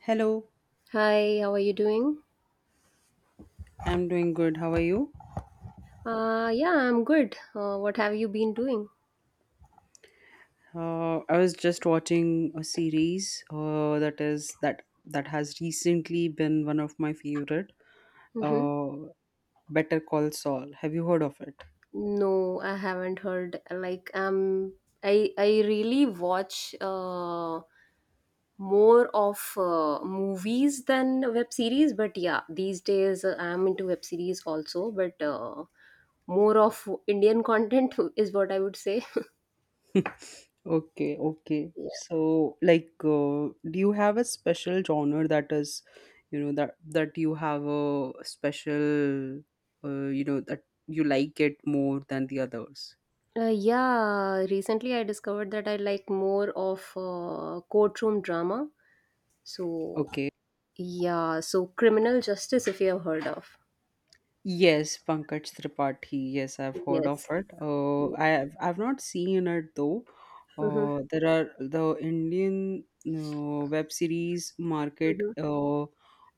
Hello, Hi, how are you doing? I'm doing good. How are you? Yeah, I'm good. What have you been doing? I was just watching a series that is that that has recently been one of my favorite. Mm-hmm. Uh, Better Call Saul. Have you heard of it? No, I haven't heard. I really watch more of movies than web series. But yeah, these days I'm into web series also. But more of Indian content is what I would say. Okay, okay. Yeah. So, do you have a special genre that is, you know, that you have a special, that you like it more than the others? Yeah, recently I discovered that I like more of courtroom drama. So Okay. yeah, so criminal justice, if you have heard of. Yes, Pankaj Tripathi. Yes, I've heard of Yes. it. Yes. I've not seen it though. Mm-hmm. There are the Indian web series market Mm-hmm.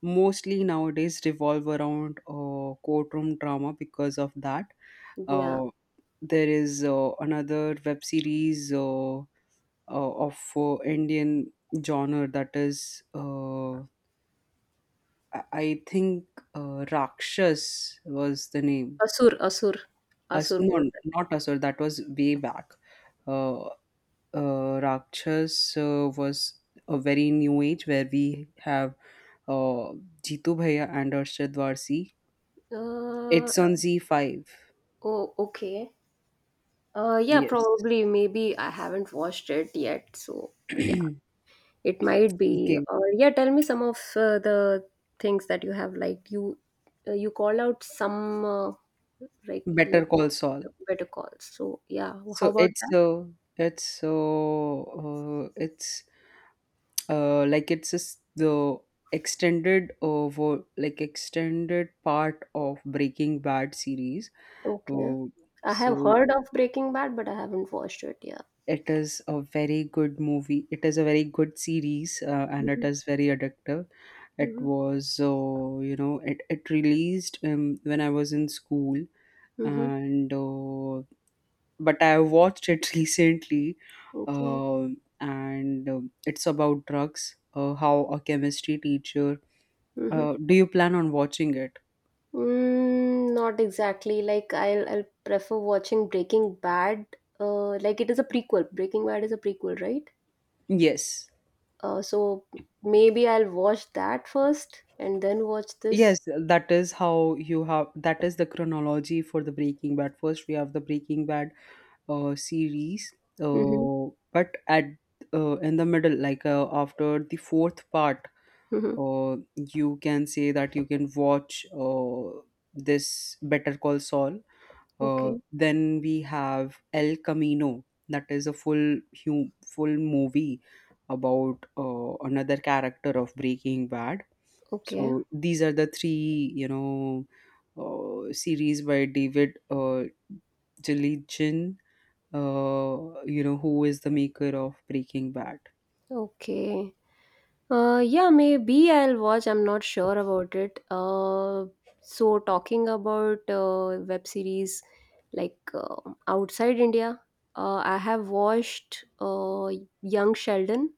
mostly nowadays revolve around courtroom drama because of that. Yeah. Uh, there is another web series of Indian genre that is I think Rakshas was the name. Asur, Asur, As Asur word. no, not Asur. That was way back. Uh, Rakshas was a very new age where we have uh, Jitu Bhaiya and Arshad Varsi. Uh, It's on Z5. oh, okay. Yeah, Yes. probably, maybe I haven't watched it yet, so yeah, Okay. it might be. Or yeah, tell me some of the things that you have liked. You you called out some uh, like Better like Call Saul. better calls. So yeah, how So about that? It's uh, it's like it's just the extended extended part of Breaking Bad series. Okay, Uh, I have so heard of Breaking Bad, but I haven't watched it yet. it is a very good movie. It is a very good series, and it Mhm, is very addictive. It mhm, was, it released when I was in school, mhm. and but I watched it recently, Okay. And it's about drugs. How a chemistry teacher. Mhm. Do you plan on watching it? Mm, not exactly. Like I'll prefer watching Breaking Bad. Like it is a prequel. Breaking Bad is a prequel, right? Yes. So maybe I'll watch that first and then watch this. Yes, that is how you have that is the chronology for the Breaking Bad. First, we have the Breaking Bad series Mm-hmm. uh, but at in the middle, after the fourth part Mm-hmm. You can say that you can watch this Better Call Saul, Okay. then we have El Camino, that is a full movie about another character of Breaking Bad. Okay. So these are the three, series by David Jellygin, you know, who is the maker of Breaking Bad. Okay. Yeah, maybe I'll watch. I'm not sure about it. So talking about web series like outside India, I have watched Young Sheldon.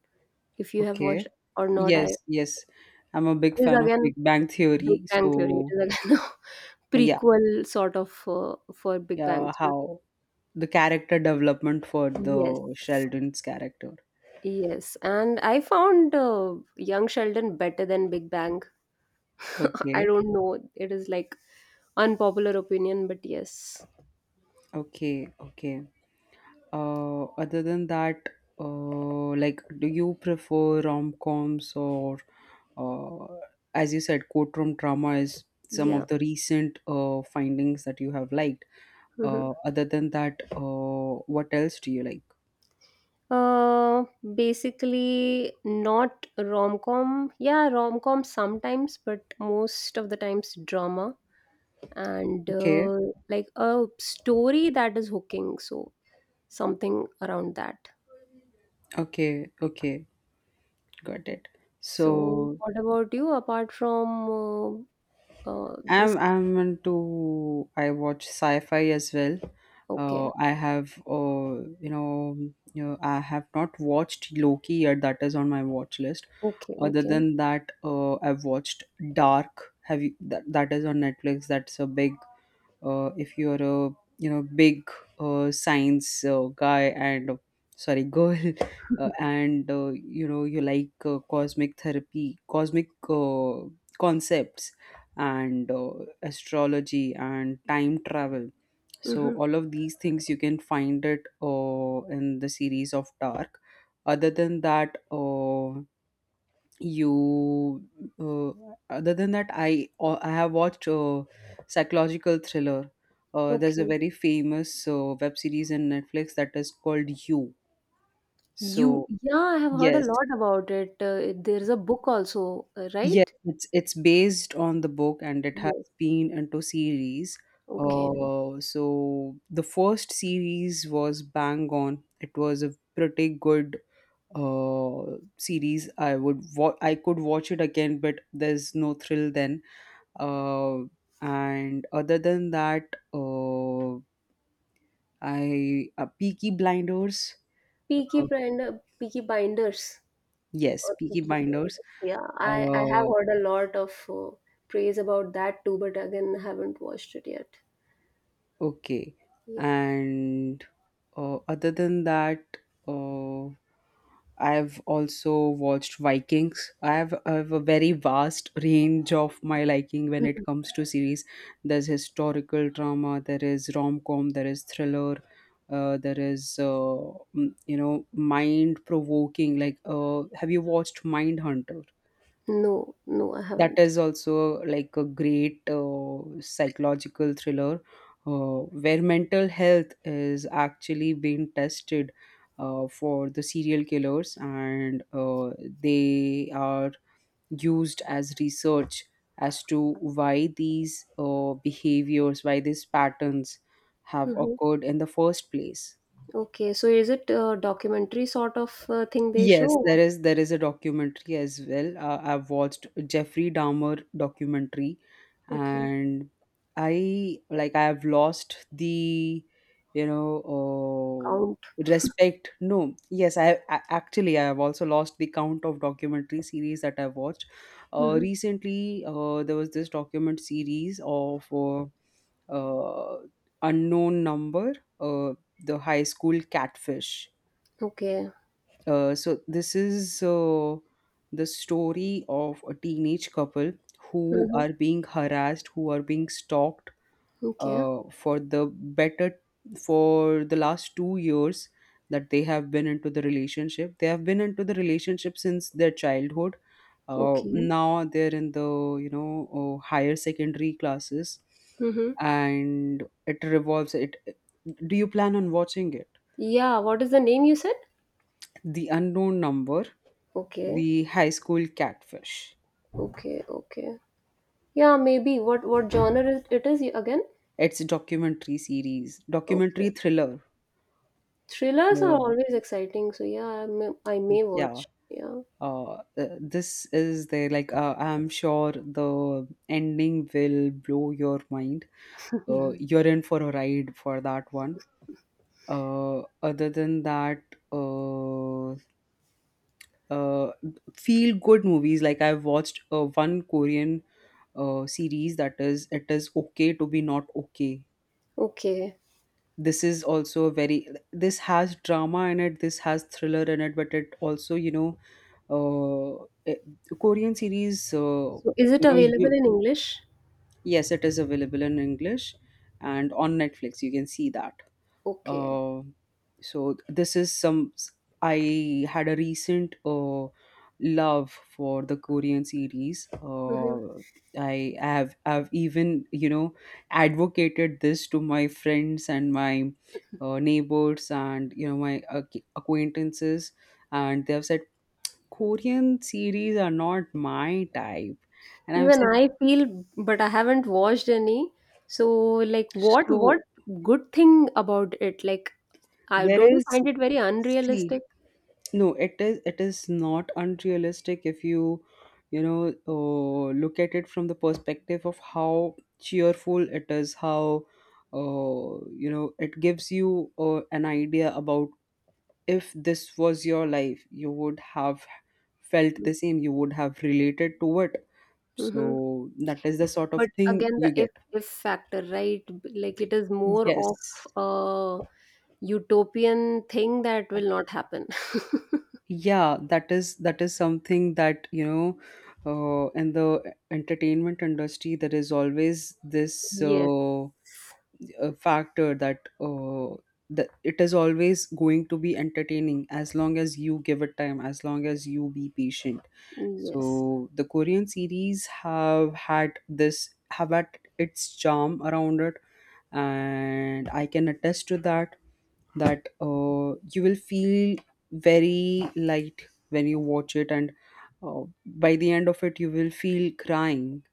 If you have Okay. watched or not, I Yes, yes. I'm a it big is fan of again Big Bang Big Theory. Bang Theory. It So, is again a yeah, prequel sort of for Big Bang yeah, Theory. how the character development for Yes, the Sheldon's character. yes, and I found Young Sheldon better than Big Bang. I Okay, don't know. It is like unpopular opinion, but yes. okay, okay. Other than that, uh, like, do you prefer rom-coms, or, uh, as you said, courtroom drama is some Yeah. of the recent findings that you have liked? Mhm. Other than that, what else do you like? Uh, basically, not rom com. Yeah, rom com sometimes, but most of the times drama and Okay, uh, like a story that is hooking. So, something around that. okay, okay, got it. So, So what about you apart from I'm this? I'm into I watch sci-fi as well. Okay, I have you know you know, I have not watched Loki yet. That is on my watch list. okay, Other okay. than that, I've watched Dark. Have you That is on Netflix. That's a big, if you're a, big science guy and, sorry, girl, and you know, you like cosmic therapy, cosmic concepts, and astrology, and time travel, so Mm-hmm. all of these things you can find it in the series of Dark. Other than that, you uh, other than that, I have watched psychological thriller. There's a Okay. very famous web series in Netflix that is called You. You, So yeah, I have heard a yes, lot about it. There's a book also, yes, right? it's based on the book, and it has Yes, been into series. okay. So the first series was bang on. It was a pretty good uh series. I would I could watch it again, but there's no thrill then. Uh, and other than that, I Peaky Blinders. Peaky uh, Blinder, Peaky Blinders yes, or Peaky Peaky Blinders. Blinders. Yeah, I have uh, heard a lot of praise about that too, but again, haven't watched it yet. okay. Yeah. And other than that uh. I've also watched Vikings. I have a very vast range of my liking when it comes to series. There's historical drama, there is rom com, there is thriller, there is, you know, mind provoking. Like, have you watched Mindhunter? No, no, I That haven't. is also like a great psychological thriller, uh, where mental health is actually being tested, for the serial killers, and they are used as research as to why these behaviors, why these patterns have Hmm. occurred in the first place. Okay, so is it a documentary sort of thing they Yes, show? There is a documentary as well. I've watched Jeffrey Dahmer documentary, Okay, and I have lost the, you know count. Respect. No, yes, I have also lost the count of documentary series that I've watched. Hmm. Recently, there was this document series of, uh, Unknown Number, uh, the High School Catfish. Okay. So this is the story of a teenage couple who Hmm. are being harassed, who are being stalked, Okay. uh, for the better for the last 2 years that they have been into the relationship. They have been into the relationship since their childhood. Okay. Now they're in the, higher secondary classes, Hmm. and it revolves. It. Do you plan on watching it? Yeah, what is the name you said? The Unknown Number, Okay. The High School Catfish. Okay. Okay. Yeah, maybe. What genre is it is again? It's a documentary series, Okay. documentary thriller. Thrillers are Uh, always exciting, so yeah, I may yeah. watch. Yeah. This is there like I'm sure the ending will blow your mind. You're in for a ride for that one. Other than that, uh, uh, feel good movies. Like, I've watched one Korean series, that is it is okay to Be Not Okay. Okay. This is also a very, this has drama in it, this has thriller in it, but it also, uh it- Korean series, So is it you know available you in English? yes, it is available in English, and on Netflix you can see that. Okay. Uh, so this is some, I had a recent love for the Korean series. Hmm. I've even, you know, advocated this to my friends, and my neighbors, and you know, my acquaintances, and they have said Korean series are not my type, and I'm Even saying, I feel, but I haven't watched any. So like, what so what good thing about it? Like, I there don't you is find it very see, unrealistic. no, it is not unrealistic if you, you know, look at it from the perspective of how cheerful it is, how, you know, it gives you an idea about, if this was your life, you would have felt the same, you would have related to it. Mm-hmm. So that is the sort of But thing again, the you if get. if factor, right? B- Like it is more of Yes. a utopian thing that will not happen. Yeah, that is something that, you know, in the entertainment industry, there is always this Yes. Factor that, that it is always going to be entertaining as long as you give it time, as long as you be patient. So Yes. the Korean series have had its charm around it, and I can attest to that, that you will feel very light when you watch it, and uh, by the end of it you will feel crying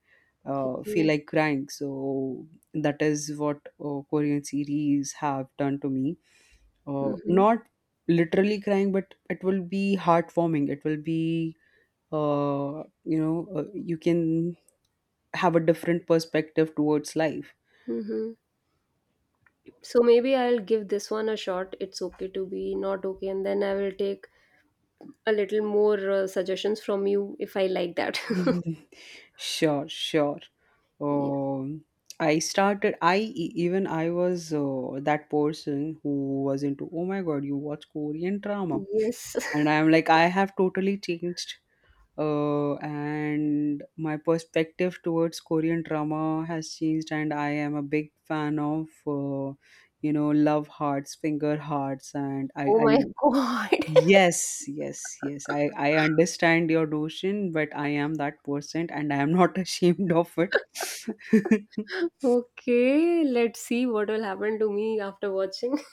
feel Yeah. like crying. So that is what, Korean series have done to me. Mhm. Not literally crying, but it will be heartwarming. It will be, you can have a different perspective towards life. Mhm. So maybe I'll give this one a shot. It's okay to be not okay, and then I will take a little more suggestions from you if I like that. Mhm. Sure, sure. Yeah. Um, I started. Even I was that person who was into, oh my god, you watch Korean drama, Yes. and I'm like, I have totally changed, and my perspective towards Korean drama has changed, and I am a big fan of, you know, love hearts, finger hearts, and Oh my I god. yes, yes, yes, I understand your notion, but I am that person, and I am not ashamed of it. Okay. Let's see what will happen to me after watching.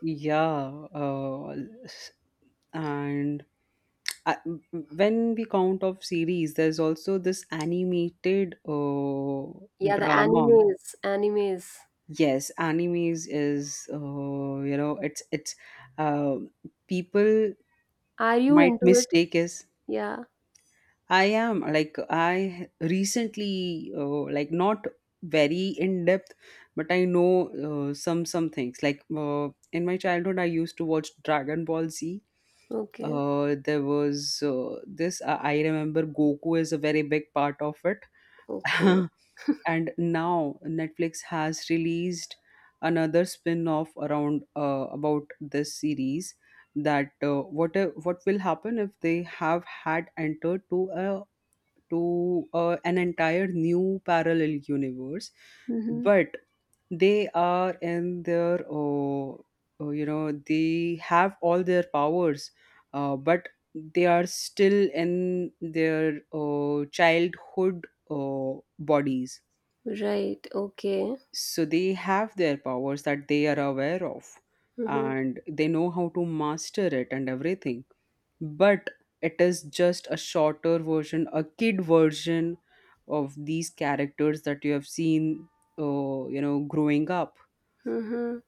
Yeah, s- and I, when we count of series, there's also this animated Yeah, the drama. animes. Animes. Yes, animes is, oh, you know, it's uh, people Are you might into it? mistake is, Yeah. I am like, I recently like, not very in depth, but I know some things, like in my childhood I used to watch Dragon Ball Z. Okay. There was this I remember Goku is a very big part of it. Okay. And now Netflix has released another spin-off around about this series that what will happen if they have had entered to a to an entire new parallel universe, Mm-hmm. but they are in their they have all their powers, but they are still in their childhood bodies. Right. Okay. So they have their powers that they are aware of, Mm-hmm. and they know how to master it and everything, but it is just a shorter version, a kid version of these characters that you have seen growing up. Mhm.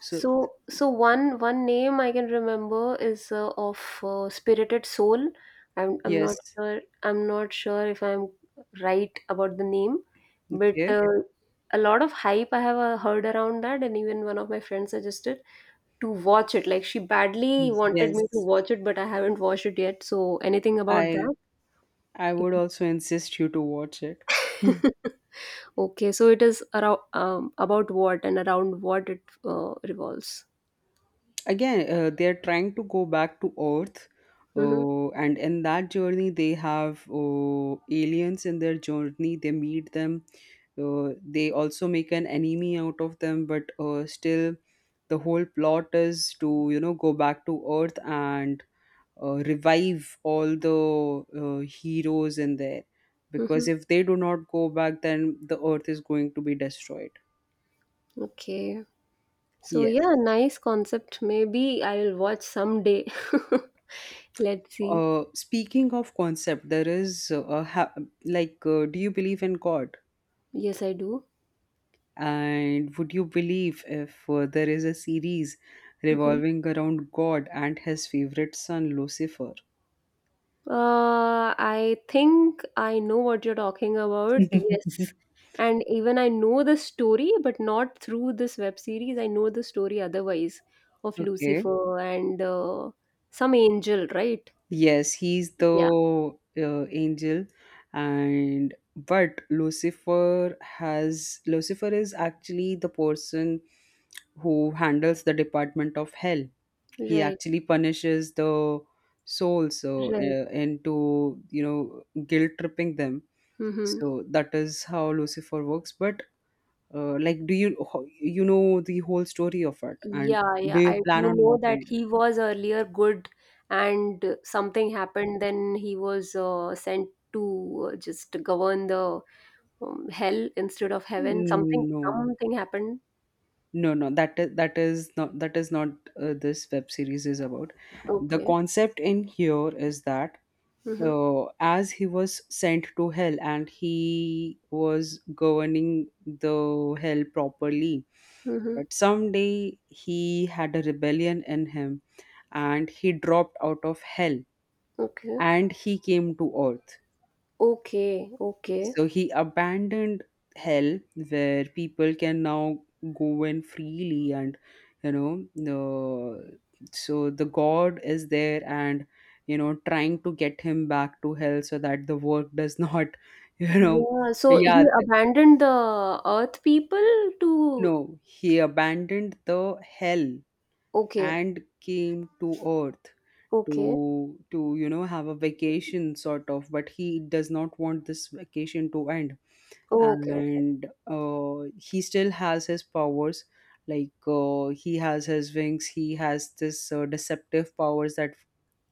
So So, so one name I can remember is of Spirited Soul. Yes. I'm not sure if I'm right about the name, but Okay. A lot of hype I have heard around that, and even one of my friends suggested to watch it. Like she badly wanted me to Yes, watch it, but I haven't watched it yet. So anything about i that? I If- would also insist you to watch it. Okay, so it is around about what and around what it revolves. Again, they're trying to go back to earth, Mm-hmm. And in that journey they have aliens in their journey, they meet them. They also make an enemy out of them, but still the whole plot is to, you know, go back to earth and revive all the heroes in there, because Mm-hmm. if they do not go back, then the earth is going to be destroyed. Okay. So Yes. yeah, nice concept. Maybe I will watch someday. Let's see. Speaking of concept, there is do you believe in God? Yes, I do. And would you believe if there is a series Mhm. revolving around God and his favorite son, Lucifer? I think I know what you're talking about. Yes. And even I know the story, but not through this web series. I know the story otherwise of Okay. Lucifer and some angel, right? Yes, he's Yeah. the angel, and but Lucifer is actually the person who handles the department of hell. He Right. actually punishes the souls Right. Into, you know, guilt tripping them. Mm-hmm. So that is how Lucifer works. But like, do you you know the whole story of it, and Yeah, do yeah, you I do plan on know that watching it? he was earlier good and something happened, then he was sent to just govern the hell instead of heaven. Something No, something happened. no, that is that is not this web series is about, the Okay. concept in here is that Mm-hmm. As he was sent to hell and he was governing the hell properly. Mm-hmm. But someday he had a rebellion in him, and he dropped out of hell, Okay. and he came to earth. Okay. Okay. So he abandoned hell, where people can now go in freely, and you know, the, so the God is there and, you know, trying to get him back to hell so that the work does not you know. Yeah, so Yeah, he abandoned the earth people to no, he abandoned the hell okay. and came to earth, to Okay. to you know, have a vacation sort of, but he does not want this vacation to end. Okay. Okay. And he still has his powers. Like, he has his wings, he has this deceptive powers that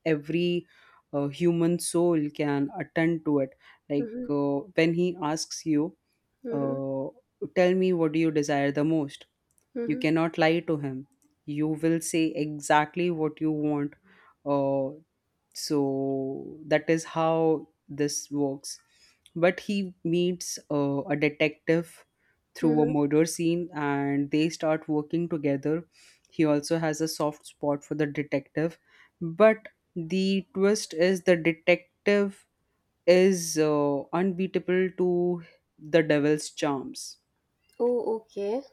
every human soul can attend to it. Like, Mm-hmm. When he asks you, Mm-hmm. uh, tell me what do you desire the most, you Mm-hmm. cannot lie to him, you will say exactly what you want. uh, so that is how this works. But he meets a detective through a Mm-hmm. murder scene, and they start working together. He also has a soft spot for the detective, but the twist is the detective is unbeatable to the devil's charms. Oh, okay.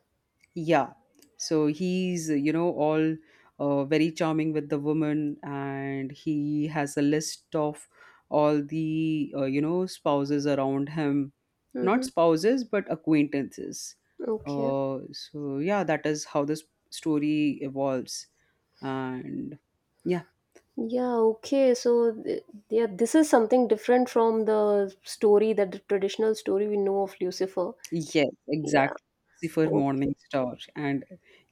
Yeah. So he's, you know, all very charming with the woman, and he has a list of all the, spouses around him. Not Mm-hmm. spouses, but acquaintances. Okay. So, yeah, that is how this story evolves. And yeah. Yeah, okay. So, th- yeah, this is something different from the story that the traditional story we know of Lucifer. Yes, Yeah, exactly. For okay, Morning Star, and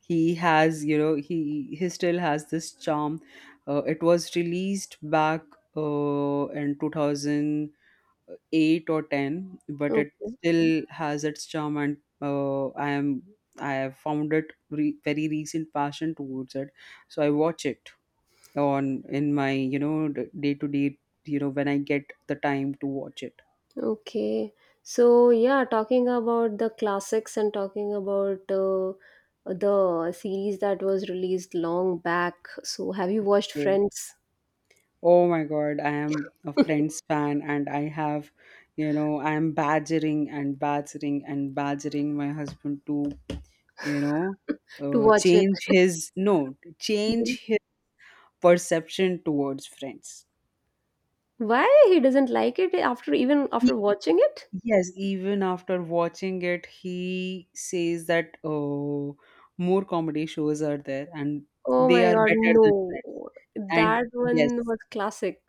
he has, you know, he still has this charm. It was released back in 2008 or 10, but it okay. still has its charm, and I am, I have found it very recent passion towards it. So I watch it on, in my, you know, day to day, you know, when I get the time to watch it. Okay. So, yeah, talking about the classics and talking about the series that was released long back. So, have you watched Okay. Friends Oh my God, I am a Friends fan, and I have, you know, I am badgering and badgering and badgering my husband to, you know, to watch it? change his, no, Mhm. change his perception towards Friends. Why he doesn't like it after even He, after watching it? yes, even after watching it, he says that, oh, more comedy shows are there, and Oh they my are God, better than no. Friends. And That yes, one was classic.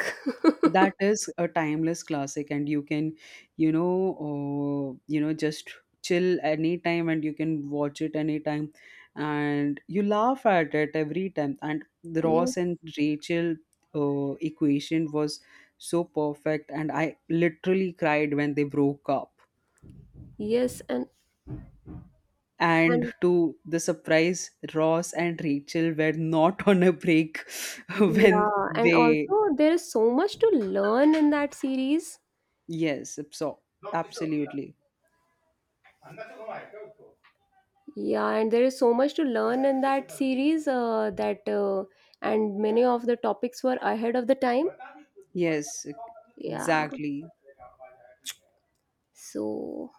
that is a timeless classic, and you can, you know, just chill anytime, and you can watch it anytime, and you laugh at it every time. And the Ross Yes, and Rachel equation was so perfect, and I literally cried when they broke up, yes, and and to the surprise Ross and Rachel were not on a break when yeah, and they. also there is so much to learn in that series. Yes, so absolutely. Yeah, and there is so much to learn in that series that and many of the topics were ahead of the time. Yes, Yeah. exactly. So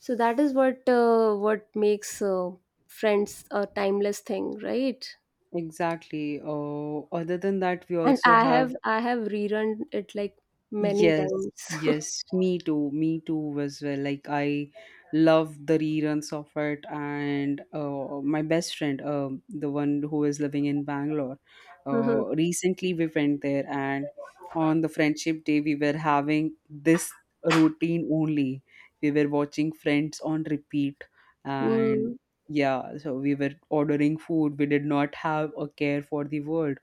so that is what makes Friends a timeless thing, right? Exactly. Oh, other than that, we And also I have have. I have rerun it like many Yes, times. yes, me too as well. Like I love the reruns of it, and my best friend, the one who is living in Bangalore, recently we went there, and on the friendship day we were having this routine only. We were watching Friends on repeat, and Mm. yeah, so we were ordering food. We did not have a care for the world.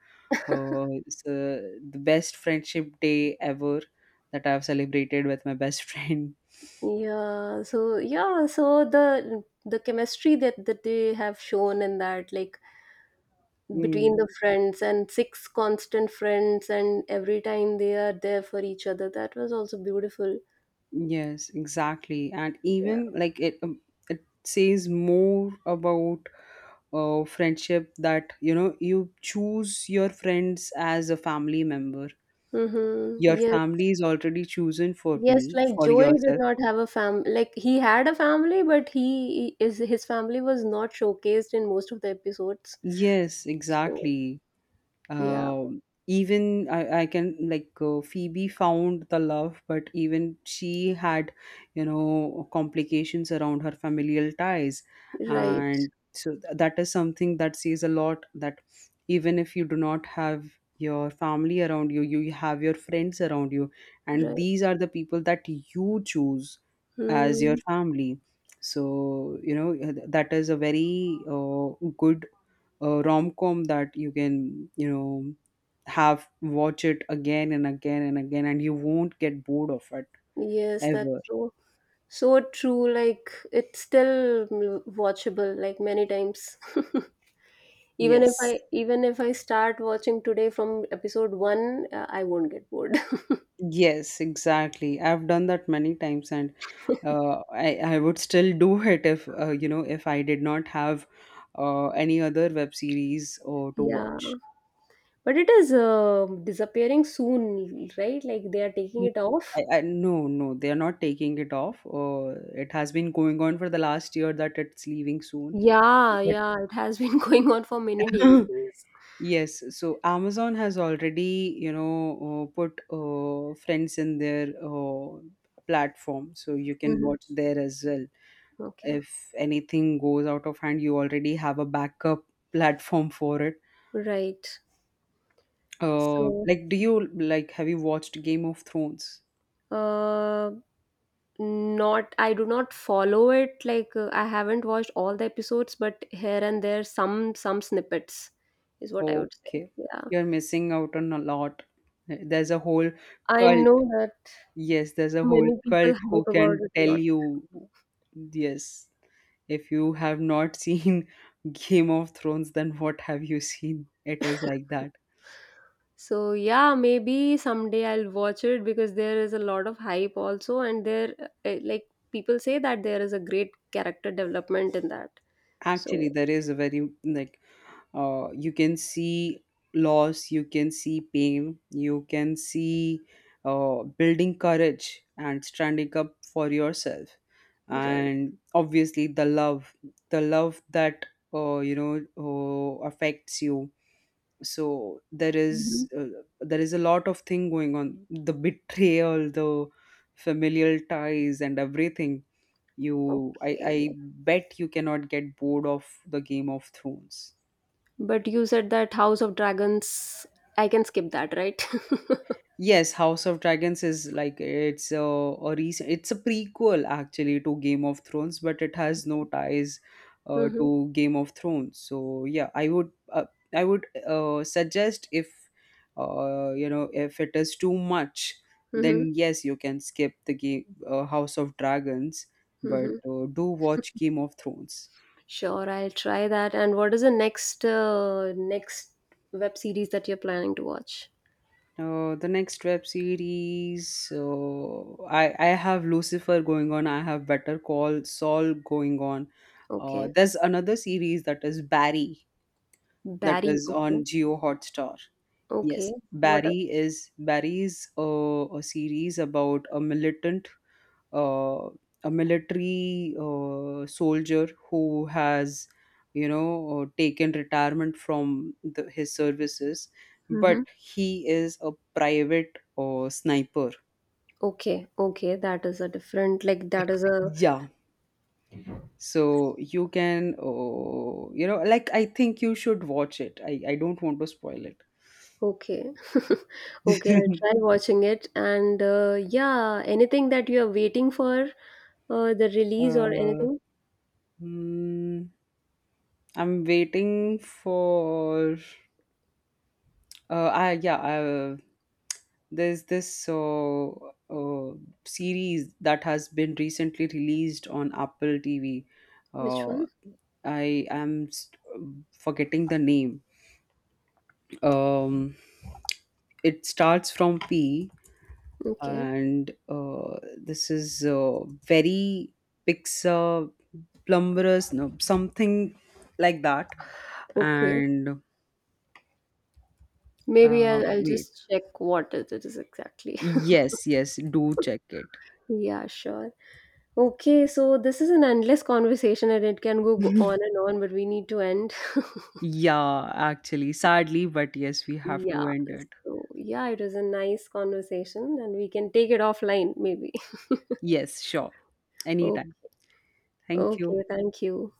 Oh, it's the best friendship day ever that I've celebrated with my best friend. Yeah, so yeah, so the chemistry that they have shown in that, like between Mm, the friends and six constant friends, and every time they are there for each other, that was also beautiful. yes, exactly. And Yeah. even like it, it says more about friendship, that, you know, you choose your friends as a family member. Mm-hmm. Your Yes. family is already chosen for Yes, me, like for Joey did yourself. not have a fam like he had a family, but he is his family was not showcased in most of the episodes. Yes, So exactly. yeah, Um, Even I can, like, Phoebe found the love, but even she had, you know, complications around her familial ties, right, and so that is something that says a lot. That even if you do not have your family around you, you have your friends around you, and right. these are the people that you choose as your Mm, family. So, you know, that is a very good, a rom-com, that you can, you know, have watch it again and again and again, and you won't get bored of it yes, that's ever. so. So true, like it's still mm, watchable like many times. Even if Yes, I even if I start watching today from episode 1, I won't get bored. yes, exactly. I've done that many times, and I would still do it if, you know, if I did not have any other web series or to Yeah. watch. But it is disappearing soon, right? Like they are taking N- it off. I, no, no, they are not taking it off. It has been going on for the last year that it's leaving soon, Yeah, but yeah, it has been going on for many day- days. yes, so Amazon has already, you know, put Friends in their platform, so you can Mhm. watch there as well. Okay. If anything goes out of hand, you already have a backup platform for it. Right. So, Like, do you like, have you watched Game of Thrones? uh not I do not follow it like I haven't watched all the episodes but here and there some snippets is what I would say. Okay, Yeah, you're missing out on a lot. There's a whole I cult. know that Yes, there's a whole many people cult who hype about can it a tell lot. you. Yes. If you have not seen Game of Thrones, then what have you seen? It is like that. So yeah, maybe someday I'll watch it because there is a lot of hype also and there like people say that there is a great character development in that, so Actually, there is a very like you can see loss, you can see pain, you can see building courage and standing up for yourself, right. and obviously the love that affects you. So Mhm. There is a lot of thing going on, the betrayal, the familial ties and everything. You, I Okay, bet you cannot get bored of the Game of Thrones. but you said that house of dragons I can skip that, right? Yes, House of Dragons is like, it's a recent, it's a prequel actually to Game of Thrones, but it has no ties Mhm, to Game of Thrones. So yeah, I would, I would suggest, if you know, if it is too much, mhm, then yes, you can skip the game, House of Dragons, but mhm. Do watch Game of Thrones. Sure, I'll try that. And what is the next web series that you're planning to watch? The next web series, I have Lucifer going on. I have Better Call Saul going on. Okay, There's another series that is Barry, that Barry. is Okay, on Geo Hotstar. Yes, okay. What? A, Barry is, Barry's a series about a militant uh, a military soldier who has, you know, taken retirement from the, his services, but mm-hmm. he is a private sniper. Okay, okay. That is a different. Like that is a Yeah, so you can, you know, like, I think you should watch it. I don't want to spoil it. okay, okay. I'll try watching it. And yeah, anything that you are waiting for the release or uh, anything? hmm, I'm waiting for, Uh, I yeah, I, there's this uh, series that has been recently released on Apple TV. Which Uh, one? I am forgetting the name. Um, it starts from P, Okay, and this is very Pixar plumberous, no, something like that. okay. And Maybe I'll wait, just check what it is exactly. yes, yes, do check it. Yeah, sure. Okay, so this is an endless conversation and it can go on and on, but we need to end. Yeah, actually, sadly, but yes, we have to Yeah, end it. so yeah, it was a nice conversation and we can take it offline maybe. Yes, sure. Anytime. Okay, Thank you. okay, thank you.